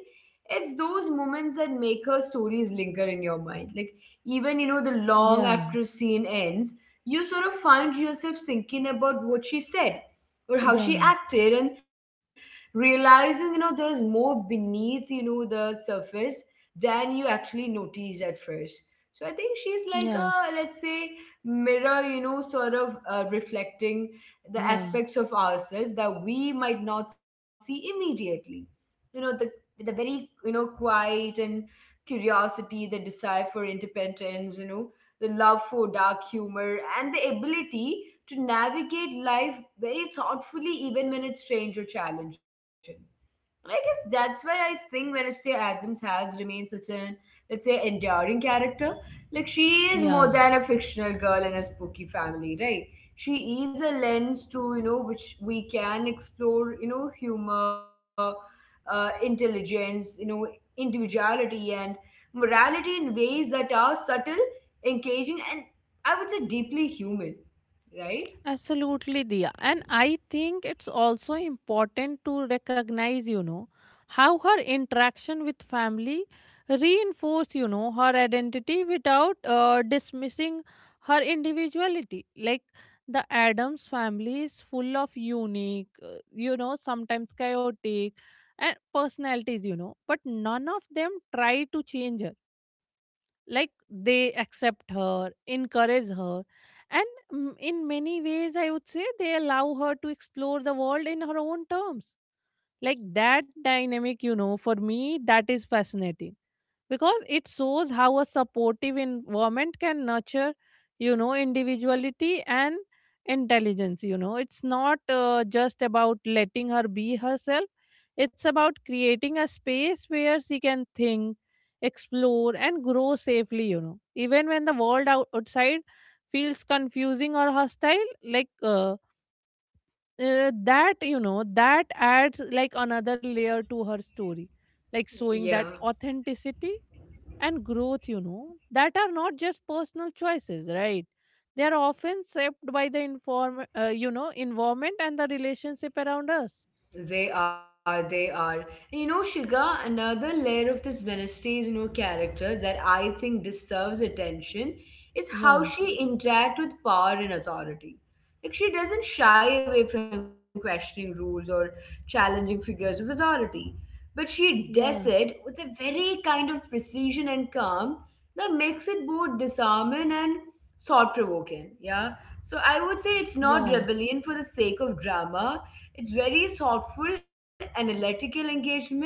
it's those moments that make her stories linger in your mind. Like even you know, the long after a Yeah, scene ends, you sort of find yourself thinking about what she said or how she yeah, acted, and realizing you know there's more beneath you know the surface than you actually notice at first. So I think she's like yeah, a, let's say, mirror, you know, sort of reflecting the yeah, aspects of ourselves that we might not see immediately, you know, the very, you know, quiet and curiosity, the desire for independence, you know, the love for dark humor and the ability to navigate life very thoughtfully even when it's strange or challenging. And I guess that's why I think Wednesday Adams has remained such an, let's say, enduring character. Like, she is more yeah. than a fictional girl in a spooky family, right? She is a lens to, you know, which we can explore, you know, humor, intelligence, you know, individuality, and morality in ways that are subtle, engaging, and I would say deeply human, right? Absolutely, Diya. And I think it's also important to recognize, you know, how her interaction with family reinforce, you know, her identity without dismissing her individuality. Like the Adams family is full of unique, you know, sometimes chaotic and personalities, you know, but none of them try to change her, like they accept her, encourage her, and mm, in many ways I would say they allow her to explore the world in her own terms. Like that dynamic, you know, for me that is fascinating because it shows how a supportive environment can nurture, you know, individuality and intelligence, you know. It's not just about letting her be herself, it's about creating a space where she can think, explore and grow safely, you know, even when the world outside feels confusing or hostile. like uh, that you know that adds like another layer to her story, like showing that Yeah. authenticity and growth, you know, that are not just personal choices, right? They are often shaped by the you know, environment and the relationship around us. They are, they are. And you know, Shiga, another layer of this Wednesday is, you know, character that I think deserves attention is Yeah, how she interacts with power and authority. Like she doesn't shy away from questioning rules or challenging figures of authority, but she yeah, does it with a very kind of precision and calm that makes it both disarming and thought provoking. Yeah. So I would say it's yeah, not rebellion for the sake of drama, it's very thoughtful, analytical engagement.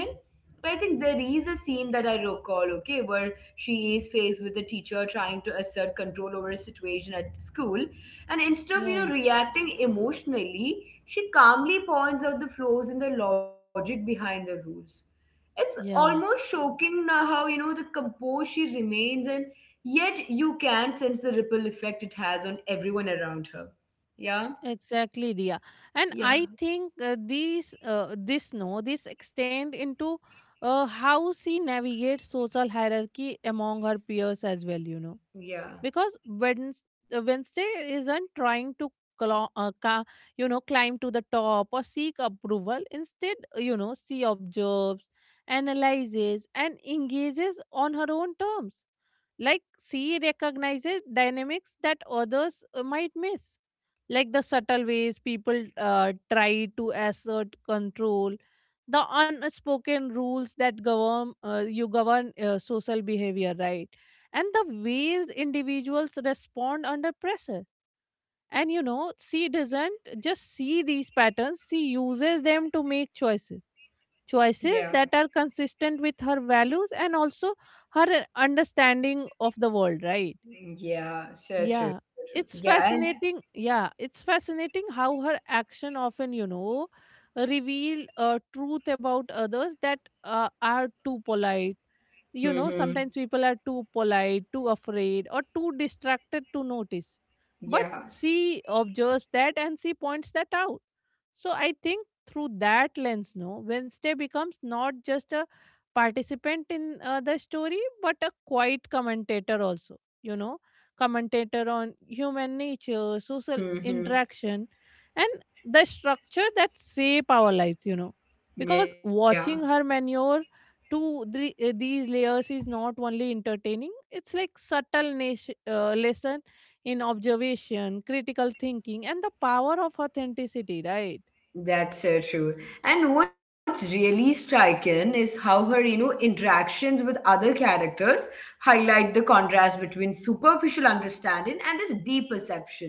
I think there is a scene that I recall, okay, where she is faced with the teacher trying to assert control over a situation at school. And yeah, instead of, you know, reacting emotionally, she calmly points out the flaws in the logic behind the rules. It's yeah. almost shocking now how, you know, the composure she remains and yet you can sense the ripple effect it has on everyone around her. Yeah? Exactly, Dia. And Yeah. I think these, this no, this extend into how she navigates social hierarchy among her peers as well. Yeah. Because Wednesday isn't trying to clo- uh, ca- climb to the top or seek approval. Instead, she observes, analyzes, and engages on her own terms. Like she recognizes dynamics that others might miss, like the subtle ways people try to assert control, the unspoken rules that govern social behavior, right, and the ways individuals respond under pressure. And she doesn't just see these patterns, she uses them to make choices, Yeah. choices that are consistent with her values and also her understanding of the world, right? Mm, yeah, so true. Yeah, So true. it's Yeah, and fascinating. Yeah, it's fascinating how her action often, reveal a truth about others that are too polite. You know, hmm sometimes people are too polite, too afraid, or too distracted to notice. But yeah. she observes that and she points that out. So I think through that lens, no, Wednesday becomes not just a participant in the story, but a quiet commentator also, you know, commentator on human nature, social Hmm. interaction, and the structure that shape our lives, you know. Because Yeah. watching her manure to three, these layers is not only entertaining, it's like subtle nation, lesson in observation, critical thinking, and the power of authenticity, right? That's so true. And what's really striking is how her, you know, interactions with other characters highlight the contrast between superficial understanding and this deep perception.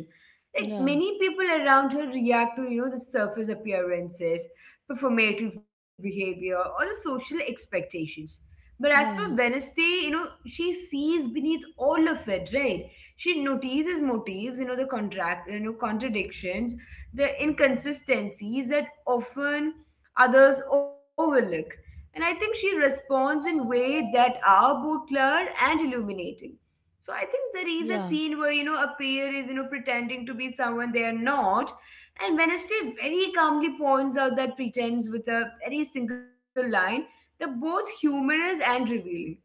Like Yeah, many people around her react to, you know, the surface appearances, performative behavior, or the social expectations. But as for yeah, Wednesday, you know, she sees beneath all of it, right? She notices motives, you know, the contract, you know, contradictions, the inconsistencies that often others overlook. And I think she responds in ways that are both clear and illuminating. So I think there is a yeah, scene where you know a pair is you know pretending to be someone they are not, and Wednesday very calmly points out that pretense with a very single line. They're both humorous and revealing.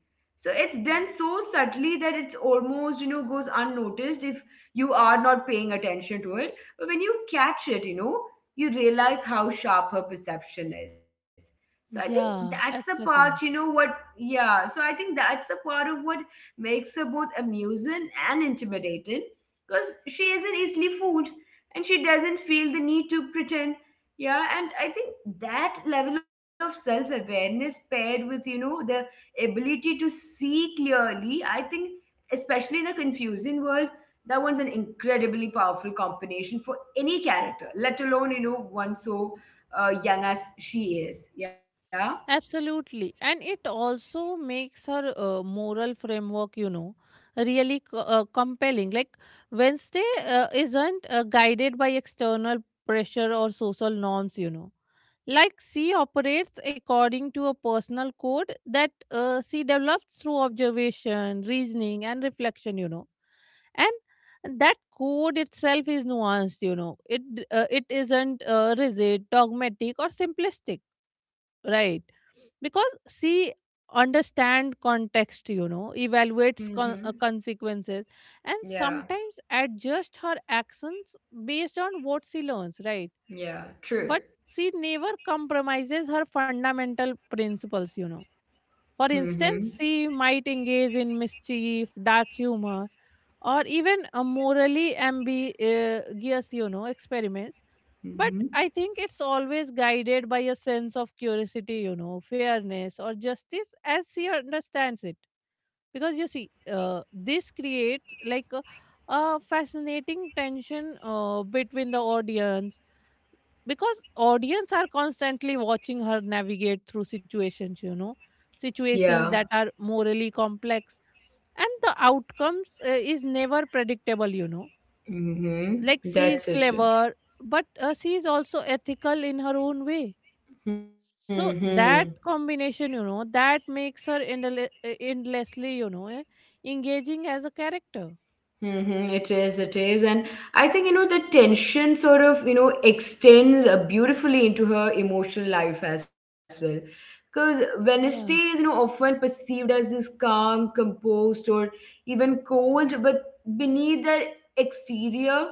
So it's done so subtly that it's almost you know goes unnoticed if you are not paying attention to it. But when you catch it, you know, you realize how sharp her perception is. So I think that's a yeah, part, you know, exactly. what, yeah. So I think that's a part of what makes her both amusing and intimidating because she isn't easily fooled and she doesn't feel the need to pretend. Yeah, and I think that level of self awareness paired with, you know, the ability to see clearly, I think, especially in a confusing world, that one's an incredibly powerful combination for any character, let alone, you know, one so young as she is. Yeah. Absolutely. And it also makes her moral framework, you know, really compelling. Like Wednesday isn't guided by external pressure or social norms, you know. Like she operates according to a personal code that she develops through observation, reasoning, and reflection, you know. And that code itself is nuanced, you know. It isn't rigid, dogmatic, or simplistic, right? Because she understand context, you know, evaluates Mm-hmm. consequences, and Yeah. sometimes adjust her actions based on what she learns, right? Yeah. True. But she never compromises her fundamental principles, you know. For Mm-hmm. instance, she might engage in mischief, dark humor, or even a morally ambiguous, you know, experiment, but Mm-hmm. I think it's always guided by a sense of curiosity, you know, fairness or justice as she understands it. Because you see, this creates like a fascinating tension between the audience, because audience are constantly watching her navigate through situations, you know, Yeah. situations that are morally complex, and the outcomes is never predictable, you know. Mm-hmm. Like she is That's so true. clever, but she is also ethical in her own way. Mm-hmm. So that combination, you know, that makes her endlessly, you know, engaging as a character. Mm-hmm, it is, it is. And I think, you know, the tension sort of, you know, extends beautifully into her emotional life as well. Because Wednesday is, you Yeah, know, often perceived as this calm, composed, or even cold, but beneath that exterior,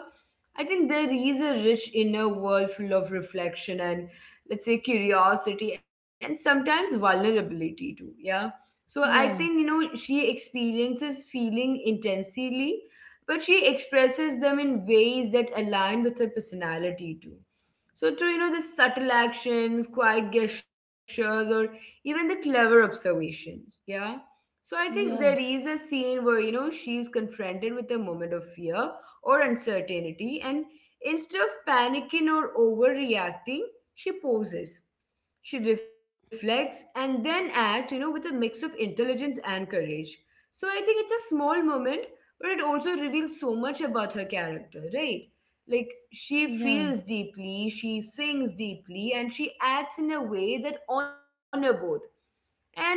I think there is a rich inner world full of reflection and, let's say, curiosity and sometimes vulnerability too. Yeah. So I think, yeah, you know, she experiences feeling intensely but she expresses them in ways that align with her personality too. So through you know the subtle actions, quiet gestures, or even the clever observations. Yeah. So I think there yeah, is a scene where you know she's confronted with a moment of fear or uncertainty, and instead of panicking or overreacting, she pauses. She reflects and then acts, you know, with a mix of intelligence and courage. So I think it's a small moment, but it also reveals so much about her character, right? Like she yeah, feels deeply, she thinks deeply, and she acts in a way that honor both. And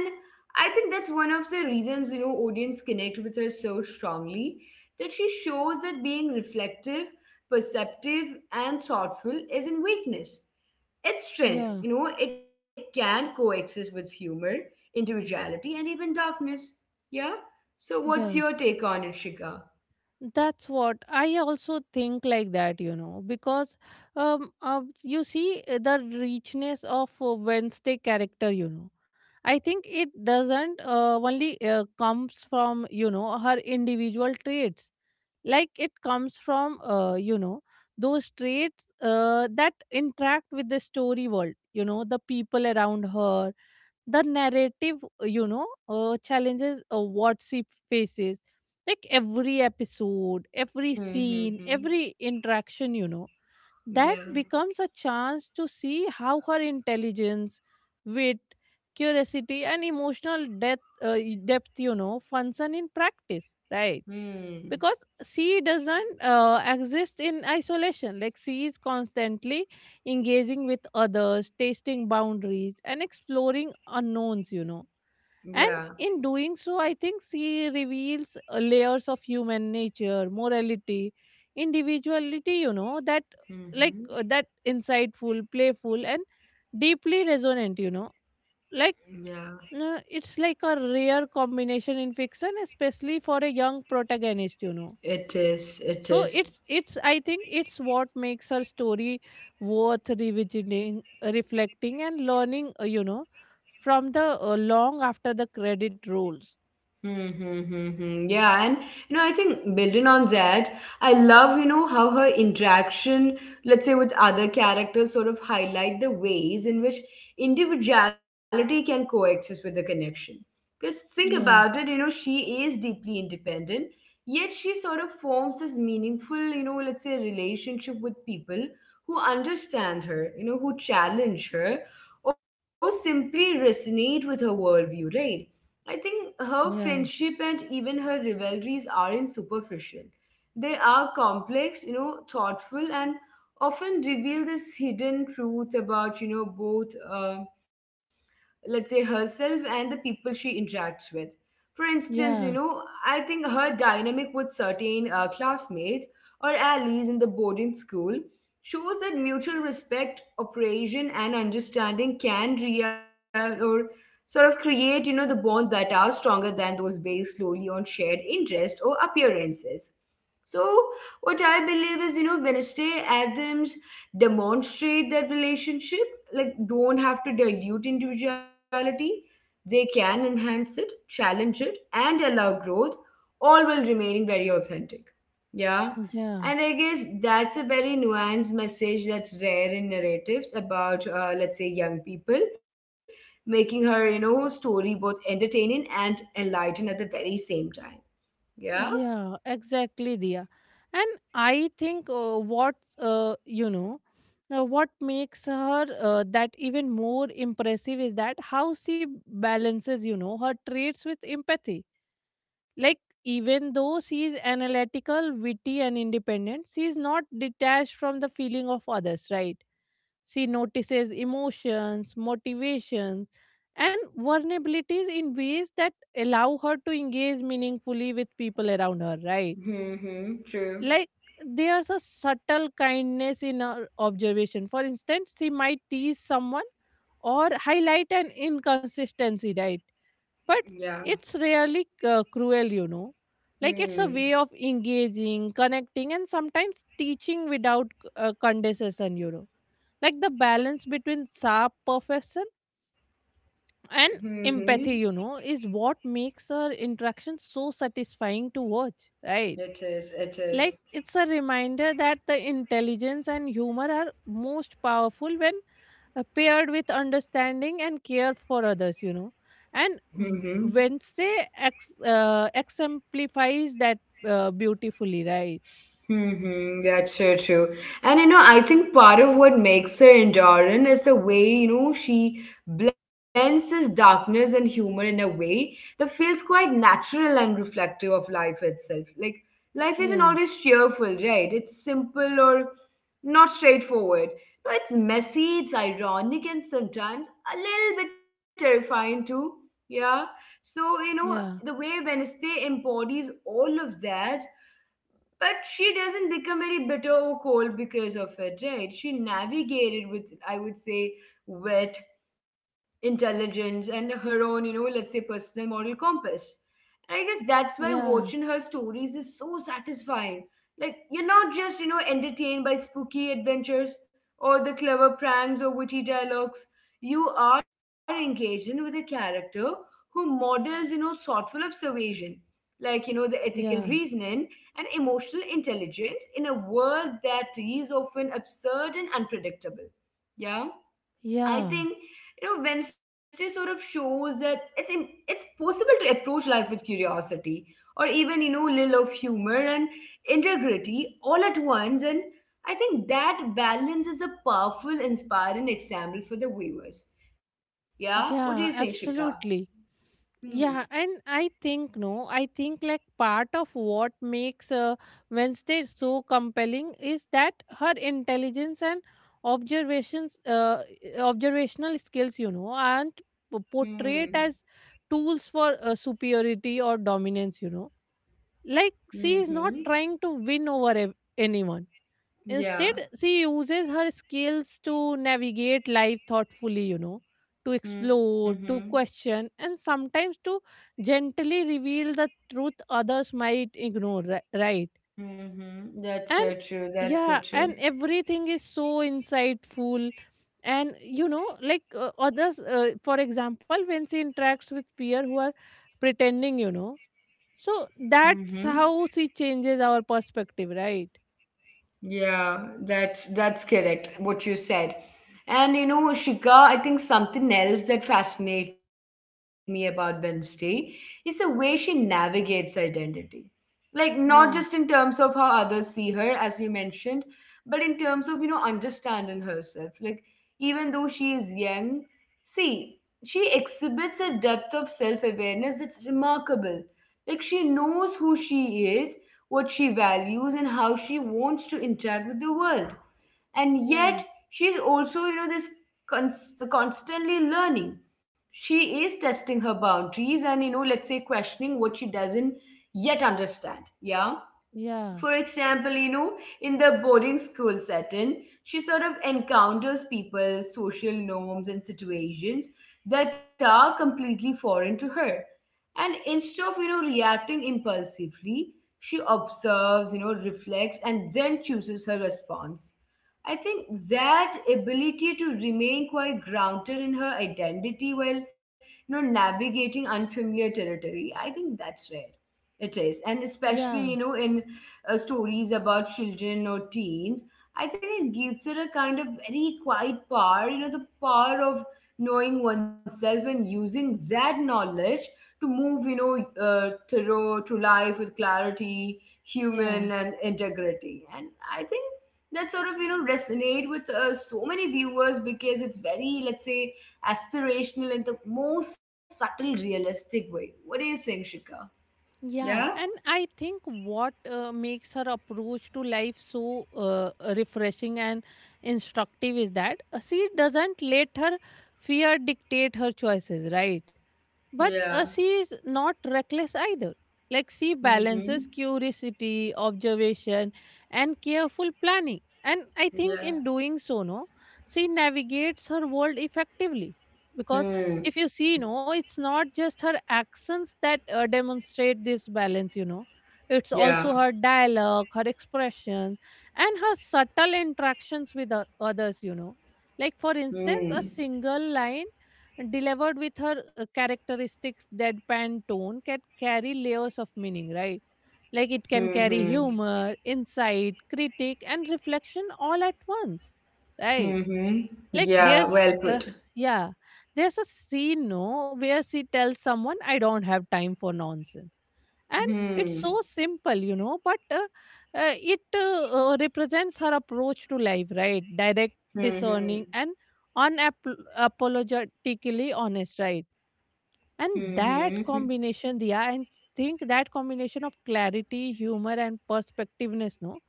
I think that's one of the reasons you know audience connect with her so strongly, that she shows that being reflective, perceptive, and thoughtful isn't weakness. It's strength, yeah, you know, it can coexist with humor, individuality, and even darkness. Yeah? So, what's your yeah. take on it, Shika? That's what I also think like that, you know, because you see the richness of Wednesday character, you know. I think it doesn't only comes from, you know, her individual traits. Like it comes from, those traits that interact with the story world, you know, the people around her, the narrative, challenges what she faces. Like every episode, every scene, Mm-hmm. every interaction, you know, that Yeah. becomes a chance to see how her intelligence, wit, curiosity, and emotional depth, you know, function in practice, right? Mm. Because she doesn't exist in isolation. Like she is constantly engaging with others, testing boundaries, and exploring unknowns, you know. And Yeah. in doing so, I think she reveals layers of human nature, morality, individuality, you know, that Mm-hmm. that insightful, playful, and deeply resonant, you know. Like, Yeah. It's like a rare combination in fiction, especially for a young protagonist, you know. It is. It So is. It's I think it's what makes her story worth revisiting, reflecting, and learning, you know, from the, long after the credit rolls. Mm-hmm. Yeah. And, you know, I think building on that, I love, you know, how her interaction, let's say, with other characters sort of highlight the ways in which individuality can coexist with the connection. Because think about yeah it, you know, she is deeply independent, yet she sort of forms this meaningful, you know, let's say relationship with people who understand her, you know, who challenge her or simply resonate with her worldview, right? I think her yeah friendship and even her rivalries aren't superficial. They are complex, you know, thoughtful, and often reveal this hidden truth about, you know, both. Um, let's say herself and the people she interacts with. For instance, you yeah know, I think her dynamic with certain classmates or allies in the boarding school shows that mutual respect, operation, and understanding can real or sort of create you know the bond that are stronger than those based solely on shared interest or appearances. So, what I believe is, you know, Wednesday Adams demonstrate that relationship, like, don't have to dilute individuality. They can enhance it, challenge it, and allow growth, all while remaining very authentic. Yeah. yeah And I guess that's a very nuanced message that's rare in narratives about, let's say, young people, making her, you know, story both entertaining and enlightening at the very same time. Yeah. yeah exactly, Dia. And I think, what you know what makes her, that even more impressive is that how she balances, you know, her traits with empathy. Like, even though she is analytical, witty, and independent, she is not detached from the feeling of others, right? She notices emotions, motivations, and vulnerabilities in ways that allow her to engage meaningfully with people around her, right? Mm-hmm. True. Like, there's a subtle kindness in her observation. For instance, she might tease someone or highlight an inconsistency, right? But Yeah. it's rarely cruel, you know. Like it's a Hmm. way of engaging, connecting, and sometimes teaching without condescension, you know. Like the balance between sharp perfection and Mhm. empathy, you know, is what makes her interaction so satisfying to watch, right? It is. It Like is. it's a reminder that the intelligence and humor are most powerful when paired with understanding and care for others, you know. And w- Mhm. wednesday ex- uh, exemplifies that beautifully, right? Mm-hmm, that's so true. And you know, I think part of what makes her enduring is the way, you know, she blends this darkness and humor in a way that feels quite natural and reflective of life itself. Like, life isn't yeah always cheerful, right? It's simple or not straightforward. No, it's messy, it's ironic, and sometimes a little bit terrifying too. Yeah. So, you know, the yeah way Wednesday embodies all of that, but she doesn't become very bitter or cold because of it, right? She navigated with, I would say, wit, intelligence, and her own, you know, let's say, personal moral compass. And I guess that's why watching yeah her stories is so satisfying. Like you're not just you know entertained by spooky adventures or the clever pranks or witty dialogues, you are engaged in with a character who models you know thoughtful observation, like you know the ethical yeah reasoning and emotional intelligence in a world that is often absurd and unpredictable. Yeah, I yeah think you know Wednesday sort of shows that it's it's possible to approach life with curiosity or even you know little of humor and integrity all at once, and I think that balance is a powerful, inspiring example for the viewers. Yeah, what do you think, yeah Shika? absolutely. Hmm. Yeah, and I think no, I think like part of what makes Wednesday so compelling is that her intelligence and observations, uh, observational skills, you know, aren't Hmm. portrayed as tools for superiority or dominance. You know, like she Hmm. is not Hmm. trying to win over anyone. Yeah. Instead, she uses her skills to navigate life thoughtfully, you know, to Hmm. Hmm. explore, to question, and sometimes to gently reveal the truth others might ignore, right? Mm-hmm. That's so And true. That's so yeah, true. and everything is so insightful. And you know, like for example, when she interacts with peer who are pretending, you know, so that's Mm-hmm. how she changes our perspective, right? Yeah, that's correct what you said. And you know, Shika, I think something else that fascinates me about Wednesday is the way she navigates identity. Like not just in terms Yeah, of how others see her, as you mentioned, but in terms of, you know, understanding herself. Like even though she is young, see, she exhibits a depth of self-awareness that's remarkable. Like she knows who she is, what she values, and how she wants to interact with the world, and yet yeah, she's also you know this constantly learning, she is testing her boundaries and you know let's say questioning what she doesn't yet understand, yeah. yeah. For example, you know, in the boarding school setting, she sort of encounters people, social norms, and situations that are completely foreign to her. And instead of, you know, reacting impulsively, she observes, you know, reflects, and then chooses her response. I think that ability to remain quite grounded in her identity while, you know, navigating unfamiliar territory, I think that's rare. It is. And especially, you Yeah, know, in stories about children or teens, I think it gives it a kind of very quiet power, you know, the power of knowing oneself and using that knowledge to move, you know, through life with clarity, human yeah, and integrity. And I think that sort of, you know, resonate with so many viewers because it's very, let's say, aspirational in the most subtle, realistic way. What do you think, Shika? Yeah? yeah. And I think what makes her approach to life so refreshing and instructive is that she doesn't let her fear dictate her choices, right? But Yeah. She is not reckless either. Like she balances Mm-hmm. curiosity, observation, and careful planning. And I think in Yeah. doing so, no, she navigates her world effectively. Because Hmm. if you see, no, it's not just her actions that demonstrate this balance, you know. It's Yeah. also her dialogue, her expression, and her subtle interactions with others, you know. Like, for instance, a Hmm. single line delivered with her characteristics deadpan tone can carry layers of meaning, right? Like it can carry Mm-hmm, humor, insight, critique, and reflection all at once, right? hmm. Like Yeah, well put. yeah, there's a scene, no, where she tells someone, I don't have time for nonsense. And it's Hmm. so simple, you know, but it represents her approach to life, right? Direct, Hmm. discerning, and unapologetically honest, right? And Hmm hmm. that combination, Diya, and think that combination of clarity, humor, and perspectiveness, no,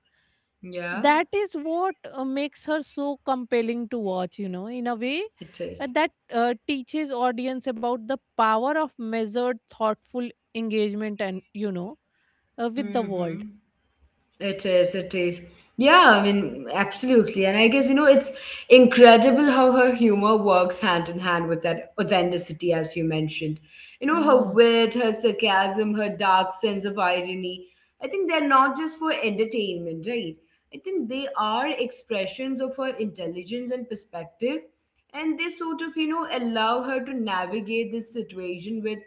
Yeah, that is what makes her so compelling to watch, you know, in a way it that teaches audience about the power of measured, thoughtful engagement and, with the Mm-hmm. world. It is, it is. Yeah, I mean, absolutely. And I guess, you know, it's incredible how her humor works hand in hand with that authenticity, as you mentioned. You know, her Yeah. wit, her sarcasm, her dark sense of irony. I think they're not just for entertainment, right? I think they are expressions of her intelligence and perspective. And they sort of, you know, allow her to navigate this situation with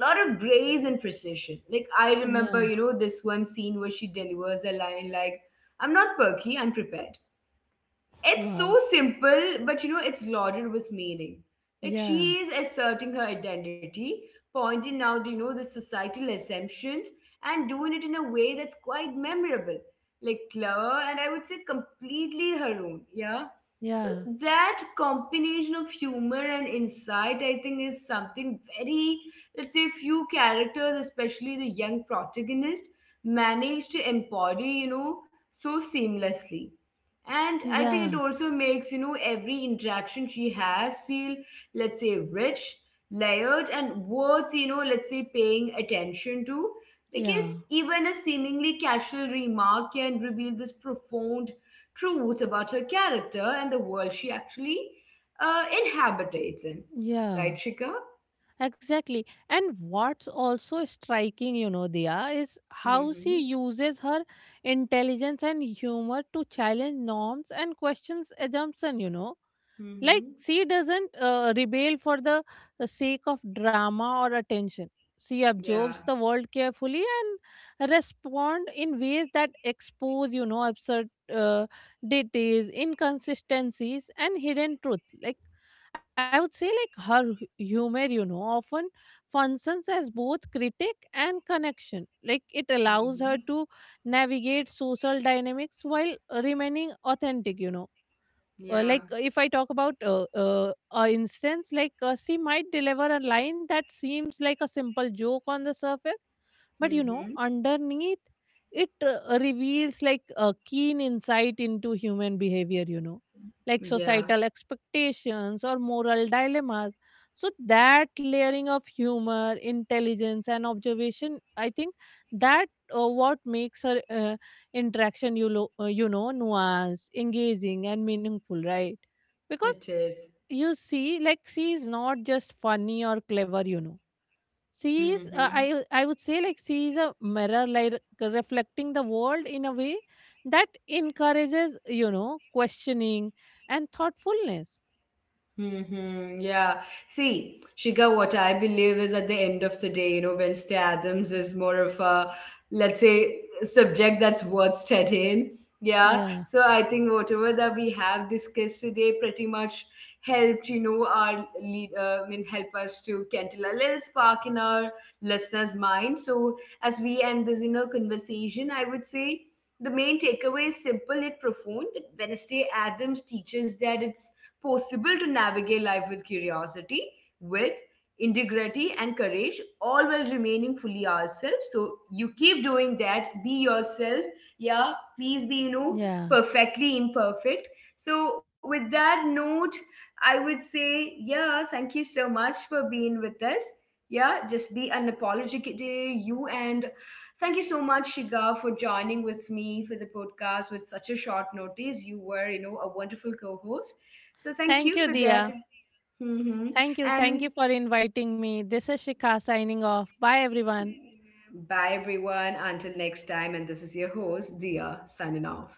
lot of grace and precision. Like I remember, Yeah. you know, this one scene where she delivers a line like, "I'm not perky, I'm prepared." It's so Wow. simple, but you know, it's loaded with meaning. Like Yeah. she is asserting her identity, pointing out, you know, the societal assumptions and doing it in a way that's quite memorable, like clever and I would say completely her own. Yeah. So Yeah. that combination of humor and insight, I think, is something very, let's say, few characters, especially the young protagonist, manage to embody, you know, so seamlessly. And I think it Yeah. also makes you know every interaction she has feel, let's say, rich, layered, and worth you know let's say paying attention to, because Yeah. even a seemingly casual remark can reveal this profound truths about her character and the world she actually inhabitates in, right, Yeah. Shika? Exactly. And what's also striking, you know, Dia, is how she Mm-hmm. uses her intelligence and humor to challenge norms and questions assumption, you know. Mm-hmm. Like, she doesn't rebel for the sake of drama or attention. She Yeah. absorbs the world carefully and respond in ways that expose, you know, absurd details, inconsistencies, and hidden truth. Like, I would say, like, her humor, you know, often functions as both critic and connection. Like, it allows her Mm-hmm. to navigate social dynamics while remaining authentic, you know. uh, Yeah. like uh, if i talk about, a instance, like she might deliver a line that seems like a simple joke on the surface, but you know, Mm-hmm. underneath it reveals like a keen insight into human behavior, you know, like Yeah, societal expectations or moral dilemmas. So that layering of humor, intelligence, and observation, I think, that what makes her interaction you know, nuanced, engaging, and meaningful, right? Because it is. you see, like, she is not just funny or clever, you know. She is, Mm-hmm. I would say, like, she is a mirror, like, reflecting the world in a way that encourages, you know, questioning and thoughtfulness. Mm-hmm. Yeah. See, Shika, what I believe is at the end of the day, you know, Wednesday Adams is more of a, let's say, subject that's worth studying. Yeah. yeah So I think whatever that we have discussed today pretty much helped, you know, our lead, I mean, help us to kindle a little spark in our listeners' mind. So as we end this, you know, conversation, I would say the main takeaway is simple yet profound, that Wednesday Adams teaches that it's possible to navigate life with curiosity, with integrity and courage, all while remaining fully ourselves. So you keep doing that. Be yourself. Yeah, please be, you know, yeah perfectly imperfect. So with that note, I would say, yeah, thank you so much for being with us. Yeah, just be unapologetic, you and thank you so much, Shiga, for joining with me for the podcast with such a short notice. You were, you know, a wonderful co-host. So thank Thank you you, for that. Dia. Mhm. Thank you And for inviting me. This is Shikha signing off. Bye, everyone. bye, everyone. Until next time. And this is your host, Dia, signing off.